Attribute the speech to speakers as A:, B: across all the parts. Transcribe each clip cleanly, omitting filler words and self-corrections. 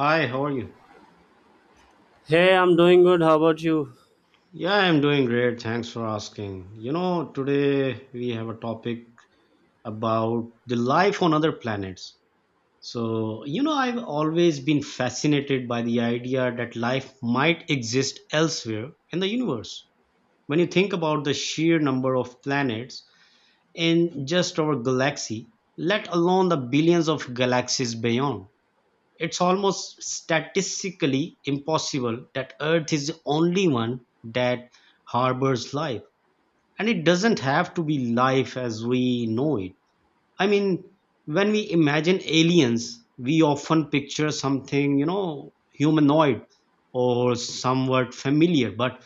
A: Hi, how are you?
B: Hey, I'm doing good. How about you?
A: Yeah, I'm doing great. Thanks for asking. You know, today we have a topic about the life on other planets. So, you know, I've always been fascinated by the idea that life might exist elsewhere in the universe. When you think about the sheer number of planets in just our galaxy, let alone the billions of galaxies beyond, it's almost statistically impossible that Earth is the only one that harbors life. And it doesn't have to be life as we know it. I mean, when we imagine aliens, we often picture something, you know, humanoid or somewhat familiar. But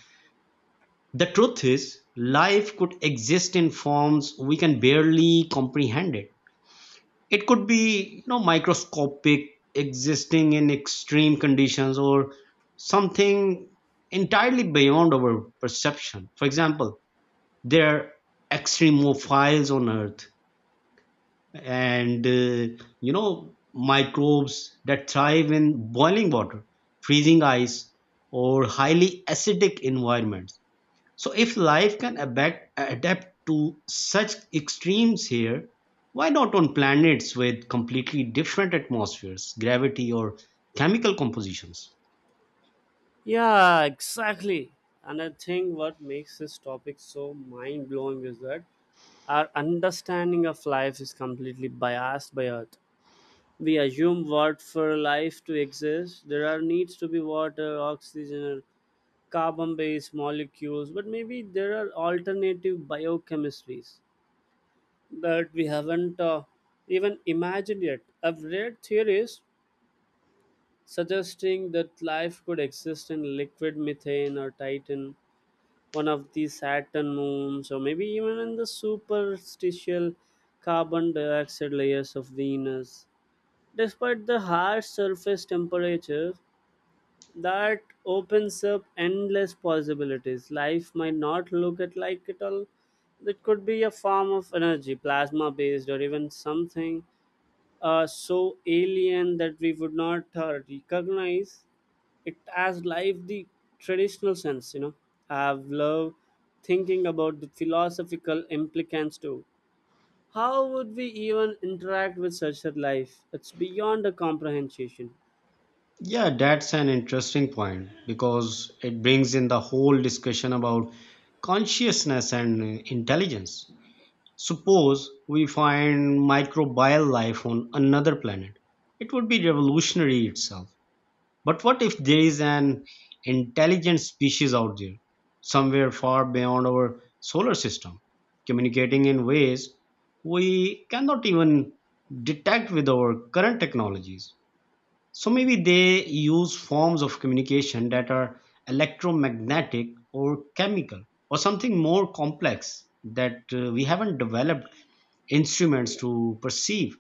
A: the truth is, life could exist in forms we can barely comprehend it. It could be, you know, microscopic, existing in extreme conditions, or something entirely beyond our perception. For example, there are extremophiles on earth, and you know, microbes that thrive in boiling water, freezing ice, or highly acidic environments. So if life can adapt to such extremes here, why not on planets with completely different atmospheres, gravity, or chemical compositions?
B: Yeah, exactly. And I think what makes this topic so mind blowing is that our understanding of life is completely biased by Earth. We assume what for life to exist, there are needs to be water, oxygen, or carbon based molecules, but maybe there are alternative biochemistries that we haven't even imagined yet. I've read theories suggesting that life could exist in liquid methane or Titan, one of the Saturn moons, or maybe even in the superstitial carbon dioxide layers of Venus. Despite the harsh surface temperatures, that opens up endless possibilities. Life might not look at like it all. It could be a form of energy, plasma based, or even something so alien that we would not recognize it as life the traditional sense. You know, I've loved thinking about the philosophical implications too. How would we even interact with such a life? It's beyond the comprehension.
A: Yeah, that's an interesting point because it brings in the whole discussion about consciousness and intelligence. Suppose we find microbial life on another planet, it would be revolutionary itself. But what if there is an intelligent species out there, somewhere far beyond our solar system, communicating in ways we cannot even detect with our current technologies? So maybe they use forms of communication that are electromagnetic or chemical or something more complex that we haven't developed instruments to perceive,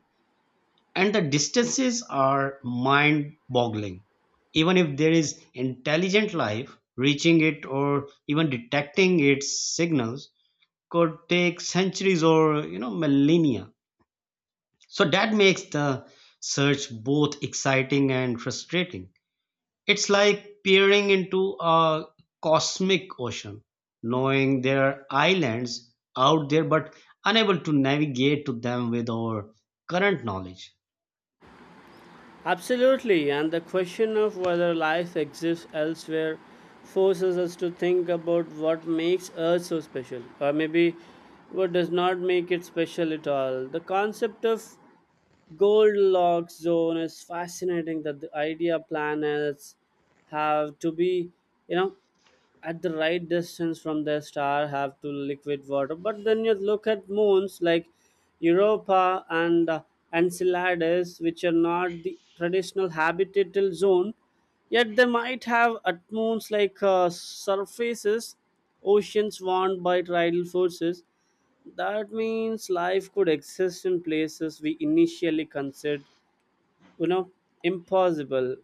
A: and the distances are mind boggling. Even if there is intelligent life, reaching it or even detecting its signals could take centuries or, you know, millennia. So that makes the search both exciting and frustrating. It's like peering into a cosmic ocean, knowing there are islands out there but unable to navigate to them with our current knowledge.
B: Absolutely, and the question of whether life exists elsewhere forces us to think about what makes Earth so special, or maybe what does not make it special at all. The concept of Goldilocks zone is fascinating that the idea planets have to be, you know, at the right distance from their star have to liquid water, but then you look at moons like Europa and Enceladus, which are not the traditional habitable zone, yet they might have at moons like surfaces, oceans warmed by tidal forces. That means life could exist in places we initially considered, you know, impossible.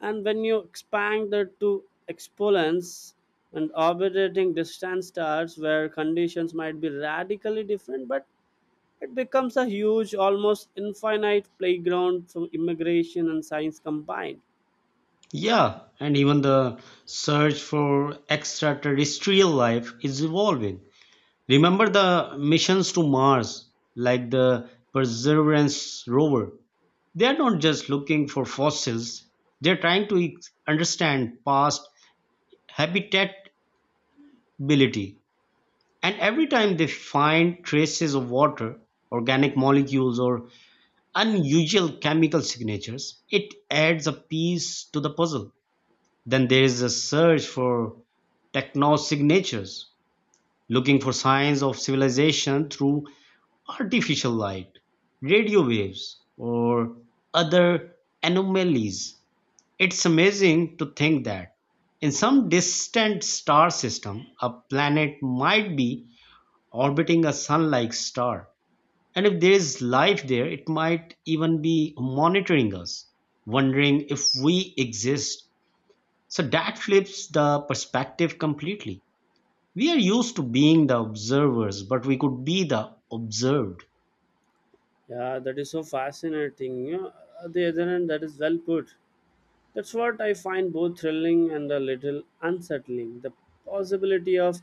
B: And when you expand that to exponents and orbiting distant stars where conditions might be radically different, but it becomes a huge, almost infinite playground from immigration and science combined.
A: Yeah, and even the search for extraterrestrial life is evolving. Remember the missions to Mars, like the Perseverance rover? They are not just looking for fossils, they're trying to understand past habitability. And every time they find traces of water, organic molecules, or unusual chemical signatures, it adds a piece to the puzzle. Then there is a search for technosignatures, looking for signs of civilization through artificial light, radio waves, or other anomalies. It's amazing to think that in some distant star system, a planet might be orbiting a sun like star. And if there is life there, it might even be monitoring us, wondering if we exist, so that flips the perspective completely. We are used to being the observers, but we could be the observed.
B: Yeah, that is so fascinating, you know, at the other end that is well put. That's what I find both thrilling and a little unsettling. The possibility of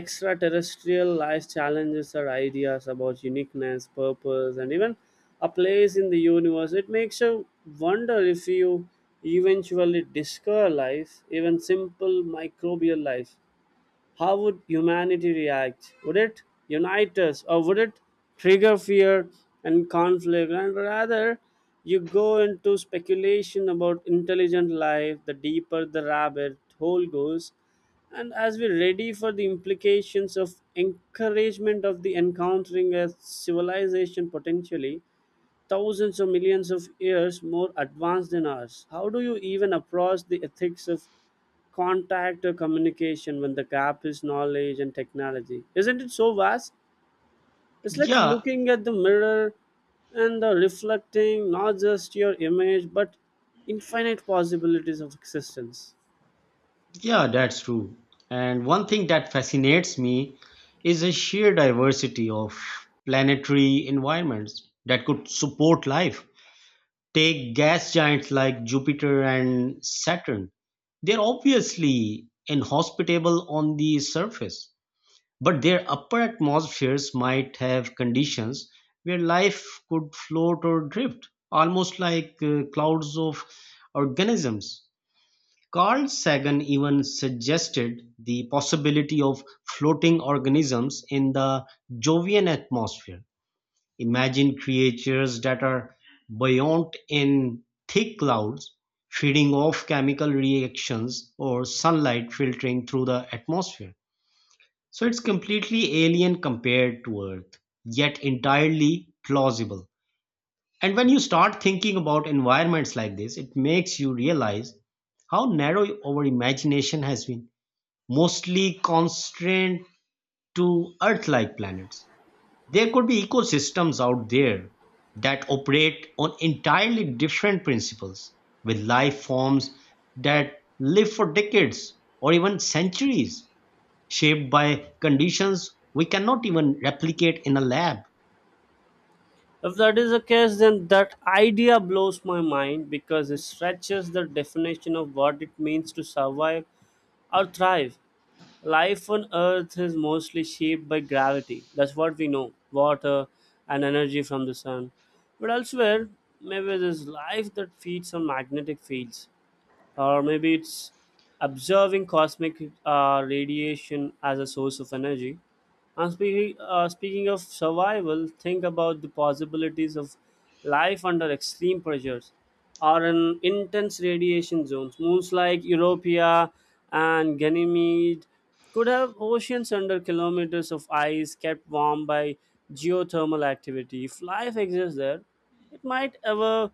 B: extraterrestrial life challenges our ideas about uniqueness, purpose, and even a place in the universe. It makes you wonder if you eventually discover life, even simple microbial life, how would humanity react? Would it unite us or would it trigger fear and conflict? And rather, you go into speculation about intelligent life, the deeper the rabbit hole goes. And as we're ready for the implications of encouragement of the encountering a civilization potentially, thousands or millions of years more advanced than us. How do you even approach the ethics of contact or communication when the gap is knowledge and technology? Isn't it so vast? It's like
A: Yeah,
B: looking at the mirror and reflecting not just your image but infinite possibilities of existence.
A: yeah, that's true. And one thing that fascinates me is the sheer diversity of planetary environments that could support life. Take gas giants like Jupiter and Saturn. They're obviously inhospitable on the surface, but their upper atmospheres might have conditions where life could float or drift, almost like clouds of organisms. Carl Sagan even suggested the possibility of floating organisms in the Jovian atmosphere. Imagine creatures that are buoyant in thick clouds, feeding off chemical reactions or sunlight filtering through the atmosphere. So it's completely alien compared to Earth, yet entirely plausible. And when you start thinking about environments like this, it makes you realize how narrow our imagination has been, mostly constrained to Earth like planets. There could be ecosystems out there that operate on entirely different principles, with life forms that live for decades or even centuries, shaped by conditions we cannot even replicate in a lab.
B: If that is the case, then that idea blows my mind because it stretches the definition of what it means to survive or thrive. Life on Earth is mostly shaped by gravity. That's what we know, water and energy from the sun. But elsewhere, maybe there's life that feeds on magnetic fields, or maybe it's observing cosmic radiation as a source of energy. And speaking of survival, think about the possibilities of life under extreme pressures or in intense radiation zones. Moons like Europa and Ganymede could have oceans under kilometers of ice kept warm by geothermal activity. If life exists there, it might ever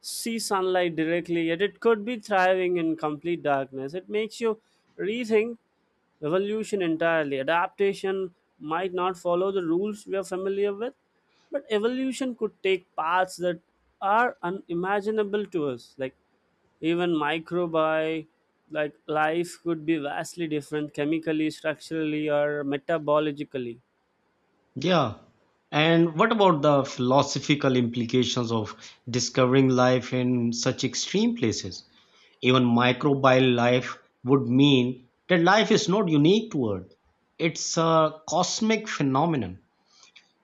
B: see sunlight directly, yet it could be thriving in complete darkness. It makes you rethink evolution entirely. Adaptation might not follow the rules we are familiar with, but evolution could take paths that are unimaginable to us. Like even microbi, like life could be vastly different chemically, structurally, or metabologically.
A: Yeah. And what about the philosophical implications of discovering life in such extreme places? Even microbial life would mean that life is not unique to Earth, it's a cosmic phenomenon.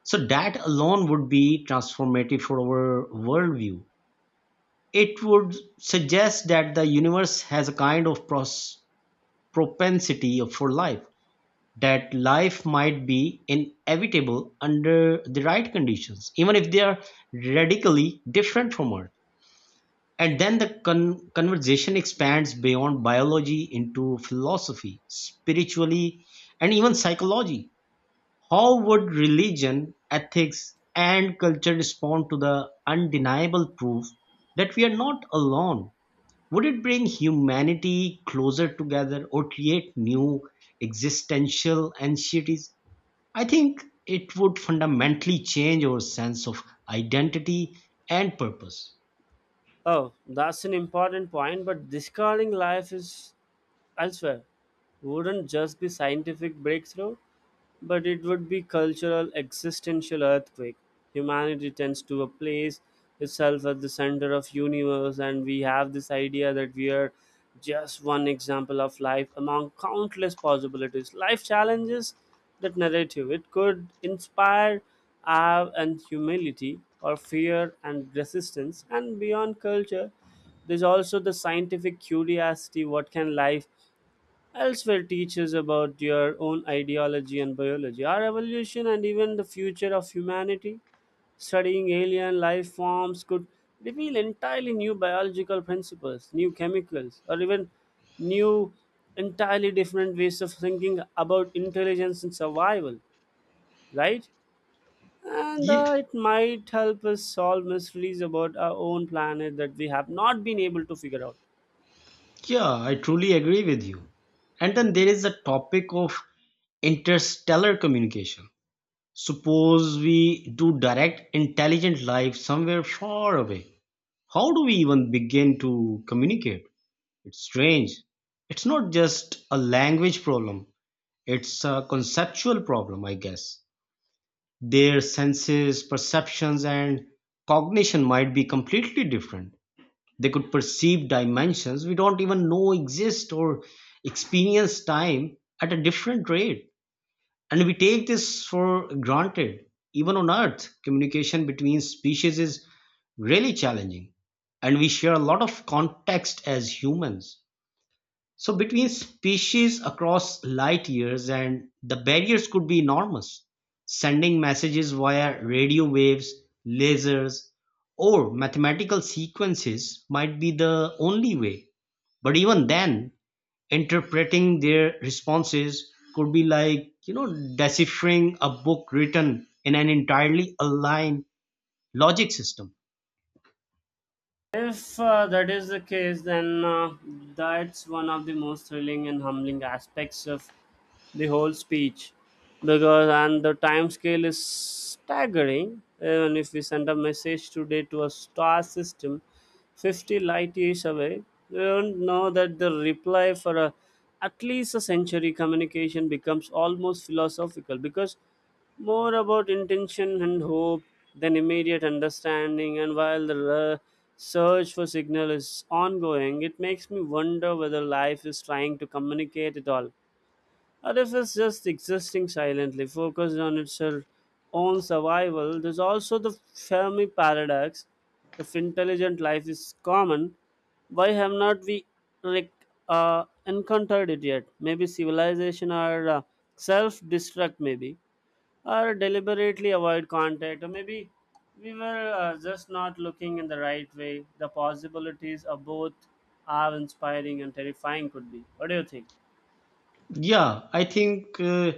A: So, that alone would be transformative for our worldview. It would suggest that the universe has a kind of propensity for life, that life might be inevitable under the right conditions, even if they are radically different from Earth. And then the conversation expands beyond biology into philosophy, spiritually, and even psychology. How would religion, ethics, and culture respond to the undeniable proof that we are not alone? Would it bring humanity closer together or create new existential anxieties? I think it would fundamentally change our sense of identity and purpose.
B: Oh, that's an important point, but discarding life is elsewhere wouldn't just be scientific breakthrough, but it would be cultural existential earthquake. Humanity tends to a place itself at the center of universe, and we have this idea that we are just one example of life among countless possibilities. Life challenges that narrative. It could inspire awe and humility or fear and resistance. And beyond culture, there's also the scientific curiosity. What can life elsewhere, teaches about your own ideology and biology, our evolution, and even the future of humanity. Studying alien life forms could reveal entirely new biological principles, new chemicals, or even new, entirely different ways of thinking about intelligence and survival, right? And
A: Ye-
B: it might help us solve mysteries about our own planet that we have not been able to figure out.
A: Yeah, I truly agree with you. And then there is the topic of interstellar communication. Suppose we do direct intelligent life somewhere far away. How do we even begin to communicate? It's strange. It's not just a language problem, it's a conceptual problem, I guess. Their senses, perceptions, and cognition might be completely different. They could perceive dimensions we don't even know exist, or experience time at a different rate. And we take this for granted. Even on Earth, communication between species is really challenging. And we share a lot of context as humans. So between species across light years, and the barriers could be enormous, sending messages via radio waves, lasers, or mathematical sequences might be the only way. But even then, interpreting their responses could be like, you know, deciphering a book written in an entirely aligned logic system.
B: If that is the case, then that's one of the most thrilling and humbling aspects of the whole speech, because and the time scale is staggering. Even if we send a message today to a star system 50 light years away, we don't know that the reply for a, at least a century, communication becomes almost philosophical, because more about intention and hope than immediate understanding, and while the search for signal is ongoing, it makes me wonder whether life is trying to communicate at all, or if it's just existing silently, focused on its own survival. There's also the Fermi paradox. If intelligent life is common, why have not we like encountered it yet? Maybe civilization or self-destruct, maybe or deliberately avoid contact, or maybe we were just not looking in the right way. The possibilities of both are inspiring and terrifying. Could be, what do you think?
A: Yeah, I think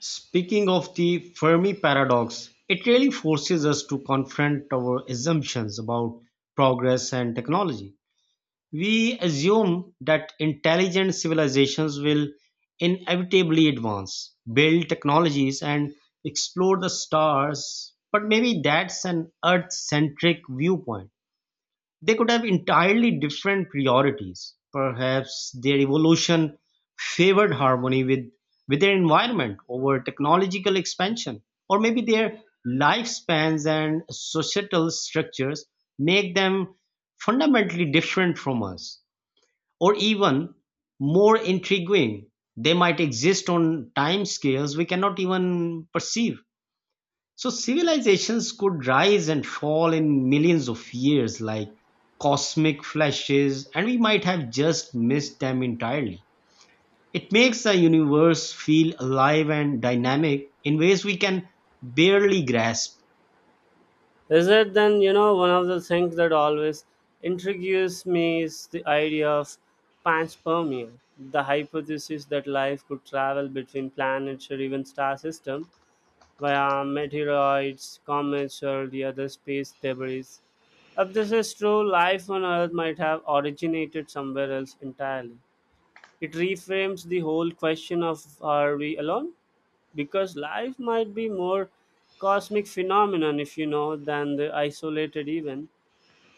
A: speaking of the Fermi paradox, it really forces us to confront our assumptions about progress and technology. We assume that intelligent civilizations will inevitably advance, build technologies, and explore the stars, but maybe that's an Earth centric viewpoint. They could have entirely different priorities. Perhaps their evolution favored harmony with their environment over technological expansion. Or maybe their lifespans and societal structures make them fundamentally different from us. Or even more intriguing, they might exist on time scales we cannot even perceive, so civilizations could rise and fall in millions of years like cosmic flashes, and we might have just missed them entirely. It makes the universe feel alive and dynamic in ways we can barely grasp.
B: Is it then, you know, one of the things that always intrigues me is the idea of panspermia, the hypothesis that life could travel between planets or even star systems via meteoroids, comets, or the other space debris. If this is true, life on Earth might have originated somewhere else entirely. It reframes the whole question of, are we alone? Because life might be more cosmic phenomenon, if you know, than the isolated event.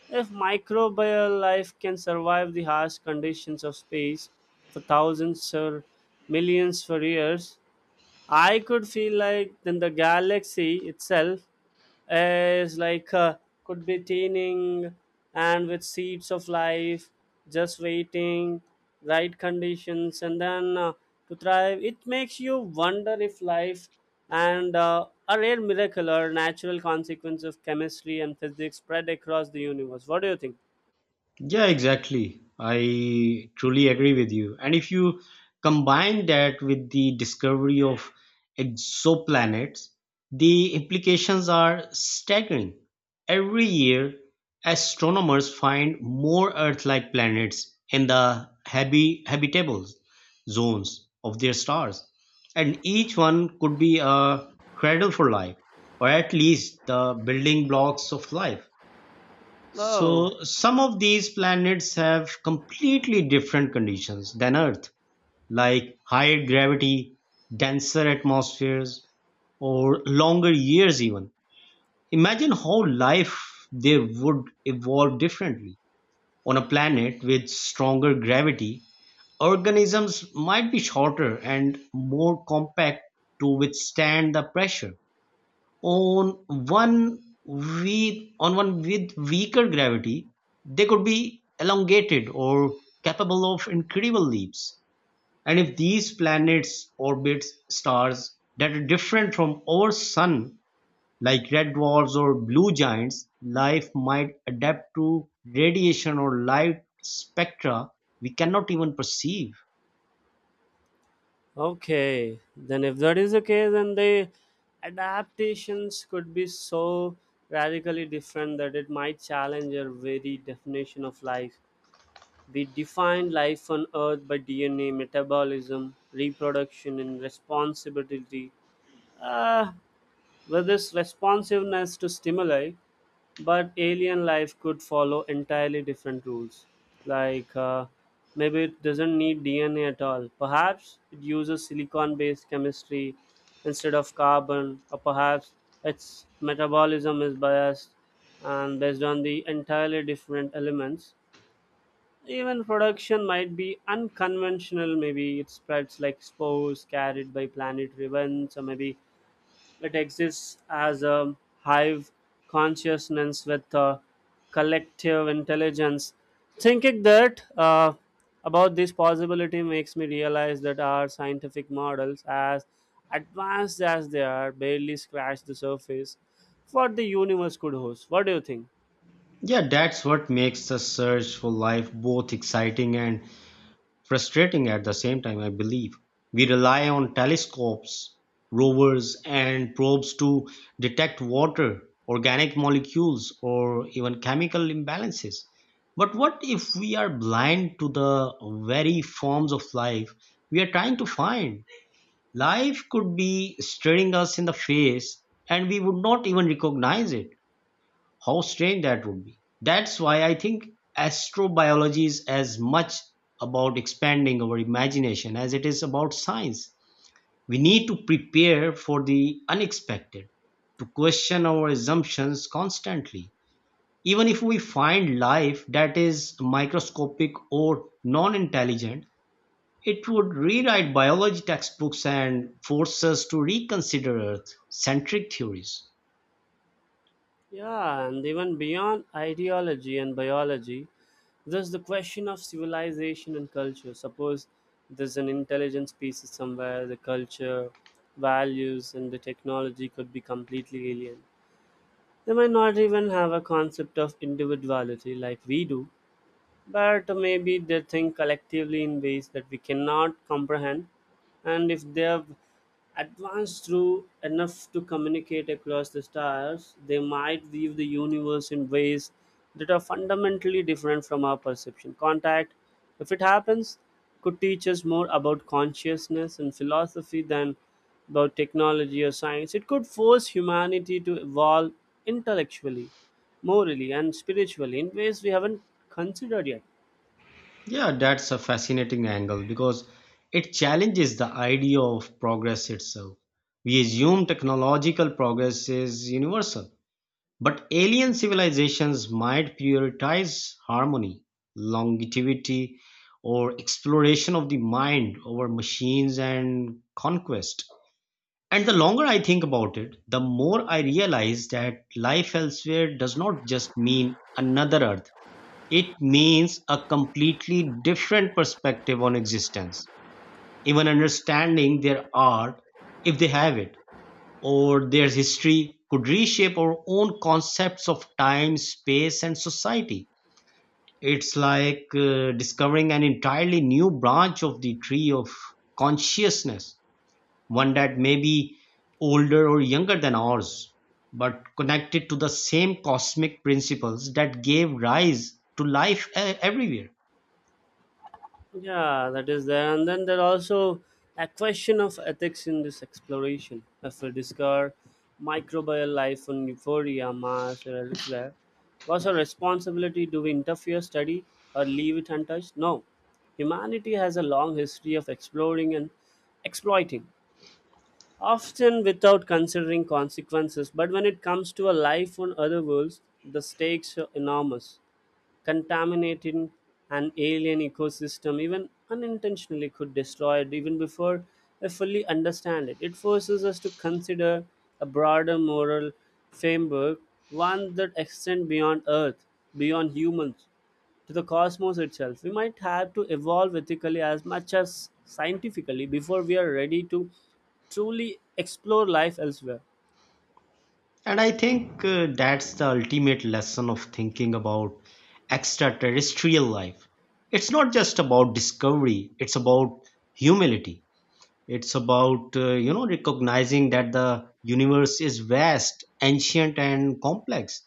B: If microbial life can survive the harsh conditions of space for thousands or millions for years, I could feel like then the galaxy itself is like could be teening and with seeds of life, just waiting, right conditions, and then to thrive. It makes you wonder if life and a rare miracle or natural consequence of chemistry and physics spread across the universe. What do you think?
A: Yeah, exactly. I truly agree with you. And if you combine that with the discovery of exoplanets, the implications are staggering. Every year, astronomers find more Earth like planets in the habitable zones of their stars, and each one could be a cradle for life, or at least the building blocks of life.
B: Oh.
A: So, some of these planets have completely different conditions than Earth, like higher gravity, denser atmospheres, or longer years, even. Imagine how life there would evolve differently. On a planet with stronger gravity, organisms might be shorter and more compact to withstand the pressure on one on one with weaker gravity, they could be elongated or capable of incredible leaps. And if these planets orbit stars that are different from our sun, like red dwarfs or blue giants, life might adapt to radiation or light spectra we cannot even perceive.
B: Okay, then if that is the case, then the adaptations could be so radically different that it might challenge your very definition of life. We define life on Earth by DNA, metabolism, reproduction, and responsibility. Uh, with this responsiveness to stimuli, but alien life could follow entirely different rules like maybe it doesn't need DNA at all. Perhaps it uses silicon based chemistry instead of carbon, or perhaps its metabolism is biased and based on the entirely different elements. Even production might be unconventional. Maybe it spreads like spores carried by planetary winds, or maybe it exists as a hive consciousness with a collective intelligence. Thinking that about this possibility makes me realize that our scientific models, as advanced as they are, barely scratch the surface. What the universe could host. What do you think?
A: Yeah, that's what makes the search for life both exciting and frustrating at the same time, I believe. We rely on telescopes, rovers, and probes to detect water, organic molecules, or even chemical imbalances. But what if we are blind to the very forms of life we are trying to find? Life could be staring us in the face and we would not even recognize it. How strange that would be. That's why I think astrobiology is as much about expanding our imagination as it is about science. We need to prepare for the unexpected, to question our assumptions constantly. Even if we find life that is microscopic or non intelligent, it would rewrite biology textbooks and force us to reconsider Earth centric theories.
B: Yeah, and even beyond ideology and biology, there's the question of civilization and culture. Suppose there's an intelligent species somewhere, the culture, values, and the technology could be completely alien. They might not even have a concept of individuality like we do, but maybe they think collectively in ways that we cannot comprehend. And if they have advanced through enough to communicate across the stars, they might view the universe in ways that are fundamentally different from our perception. Contact, if it happens, could teach us more about consciousness and philosophy than about technology or science. It could force humanity to evolve intellectually, morally, and spiritually in ways we haven't considered yet.
A: Yeah, that's a fascinating angle because it challenges the idea of progress itself. We assume technological progress is universal, but alien civilizations might prioritize harmony, longevity, or exploration of the mind over machines and conquest. And the longer I think about it, the more I realize that life elsewhere does not just mean another Earth, it means a completely different perspective on existence, even understanding their art, if they have it, or their history could reshape our own concepts of time, space, and society. It's like discovering an entirely new branch of the tree of consciousness, one that may be older or younger than ours, but connected to the same cosmic principles that gave rise to life everywhere.
B: Yeah, that is there. And then there are also a question of ethics in this exploration. If we discover microbial life on Euphoria, Mars, or elsewhere, was our responsibility, do we interfere, study, or leave it untouched? No. Humanity has a long history of exploring and exploiting, often without considering consequences. But when it comes to a life on other worlds, the stakes are enormous. Contaminating an alien ecosystem, even unintentionally, could destroy it even before I fully understand it. It forces us to consider a broader moral framework, one that extends beyond earth, beyond humans, to the cosmos itself. We might have to evolve ethically as much as scientifically before we are ready to truly explore life elsewhere.
A: And I think that's the ultimate lesson of thinking about extraterrestrial life. It's not just about discovery, it's about humility. It's about, you know, recognizing that the universe is vast, ancient, and complex.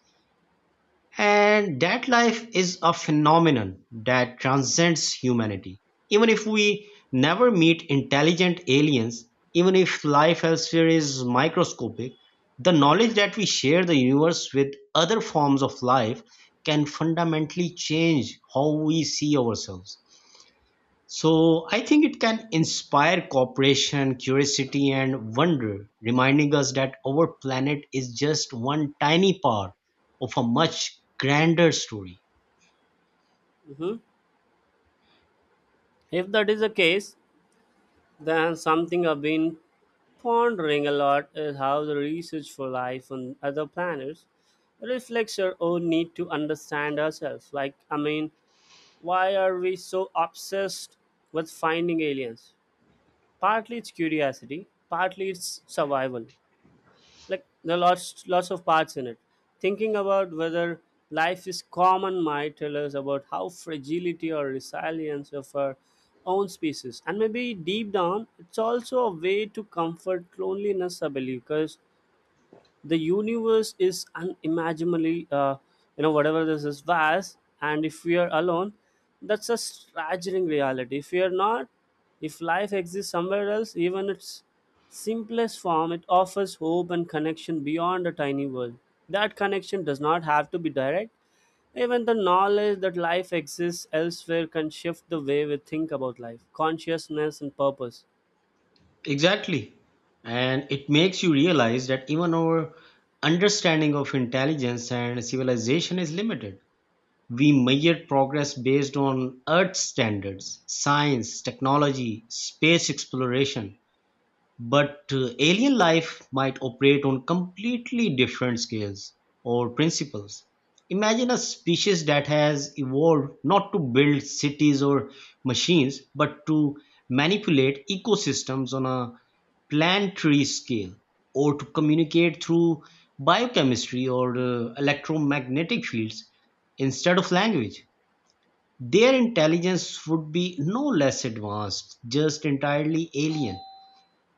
A: And that life is a phenomenon that transcends humanity. Even if we never meet intelligent aliens, even if life elsewhere is microscopic, the knowledge that we share the universe with other forms of life can fundamentally change how we see ourselves. So I think it can inspire cooperation, curiosity, and wonder, reminding us that our planet is just one tiny part of a much grander story.
B: Mhm. If that is the case, then something I've been pondering a lot is how the research for life on other planets reflects our own need to understand ourselves. Like, I mean, why are we so obsessed with finding aliens? Partly it's curiosity, partly it's survival, like there are lots of parts in it, thinking about whether life is common might tell us about how fragility or resilience of our own species, and maybe deep down it's also a way to comfort loneliness, I believe, because the universe is unimaginably you know, whatever, this is vast. And if we are alone, that's a staggering reality. If we are not, if life exists somewhere else, even its simplest form, it offers hope and connection beyond a tiny world. That connection does not have to be direct. Even the knowledge that life exists elsewhere can shift the way we think about life, consciousness, and purpose.
A: Exactly. And it makes you realize that even our understanding of intelligence and civilization is limited. We measure progress based on Earth standards, science, technology, space exploration, but alien life might operate on completely different scales or principles. Imagine a species that has evolved not to build cities or machines, but to manipulate ecosystems on a planetary scale, or to communicate through biochemistry or electromagnetic fields instead of language. Their intelligence would be no less advanced, just entirely alien.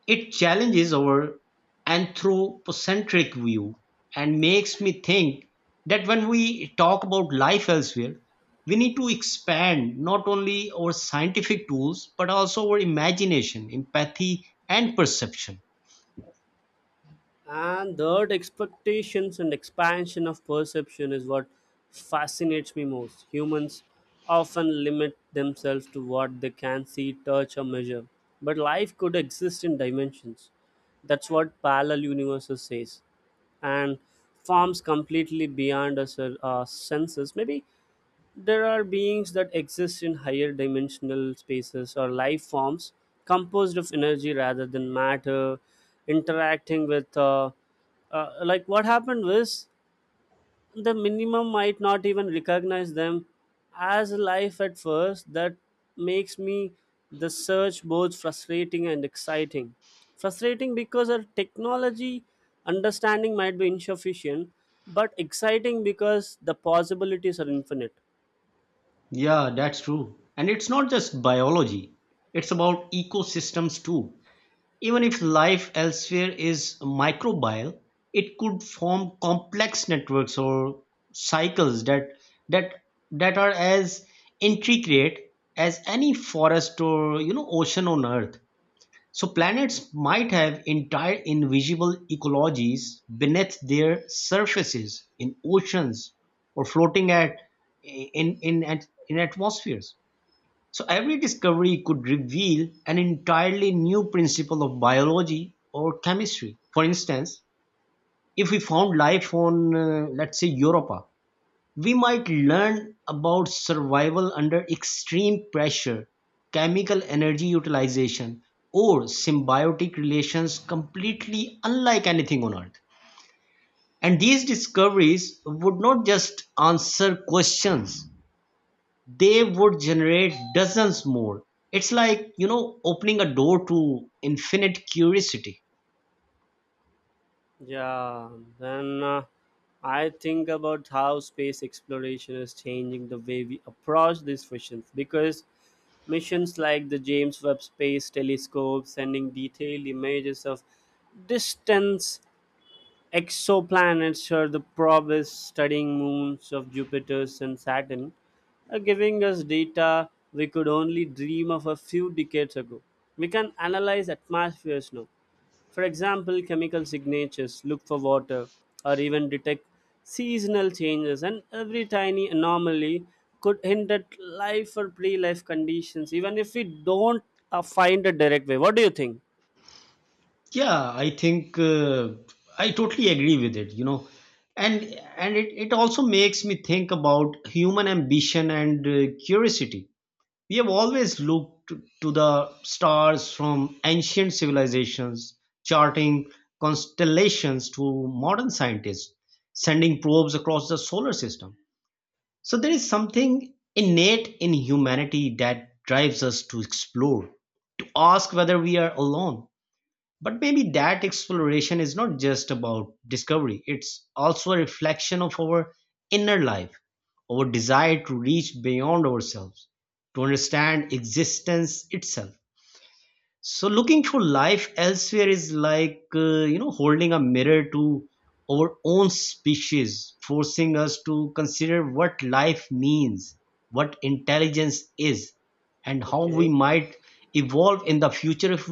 A: It challenges our anthropocentric view and makes me think that when we talk about life elsewhere, we need to expand not only our scientific tools but also our imagination, empathy, and perception.
B: And third, expectations and expansion of perception is what fascinates me most. Humans often limit themselves to what they can see, touch, or measure. But life could exist in dimensions. That's what parallel universes says. And forms completely beyond us, our senses. Maybe there are beings that exist in higher dimensional spaces or life forms composed of energy rather than matter, interacting with. Like what happened was the minimum might not even recognize them as life at first. That makes me the search both frustrating and exciting. Frustrating because our technology understanding might be insufficient, but exciting because the possibilities are infinite.
A: Yeah, that's true. And it's not just biology, it's about ecosystems too. Even if life elsewhere is microbial, it could form complex networks or cycles that that are as intricate as any forest or, you know, ocean on Earth. So planets might have entire invisible ecologies beneath their surfaces in oceans or floating at in atmospheres. So every discovery could reveal an entirely new principle of biology or chemistry. For instance, if we found life on, let's say, Europa, we might learn about survival under extreme pressure, chemical energy utilization, or symbiotic relations completely unlike anything on Earth. And these discoveries would not just answer questions, they would generate dozens more. It's like, you know, opening a door to infinite curiosity.
B: Yeah, then I think about how space exploration is changing the way we approach these missions, because missions like the James Webb Space Telescope sending detailed images of distant exoplanets or the probes studying moons of Jupiter and Saturn are giving us data we could only dream of a few decades ago. We can analyze atmospheres now, for example, chemical signatures, look for water or even detect seasonal changes, and every tiny anomaly could hint at life or pre life conditions, even if we don't find a direct way. What do you think?
A: Yeah, I think I totally agree with it, you know. And it also makes me think about human ambition and curiosity. We have always looked to the stars, from ancient civilizations charting constellations to modern scientists sending probes across the solar system. So there is something innate in humanity that drives us to explore, to ask whether we are alone. But maybe that exploration is not just about discovery, it's also a reflection of our inner life, our desire to reach beyond ourselves, to understand existence itself. So looking for life elsewhere is like you know, holding a mirror to our own species, forcing us to consider what life means, what intelligence is, and how we
B: Okay.
A: might evolve in the future if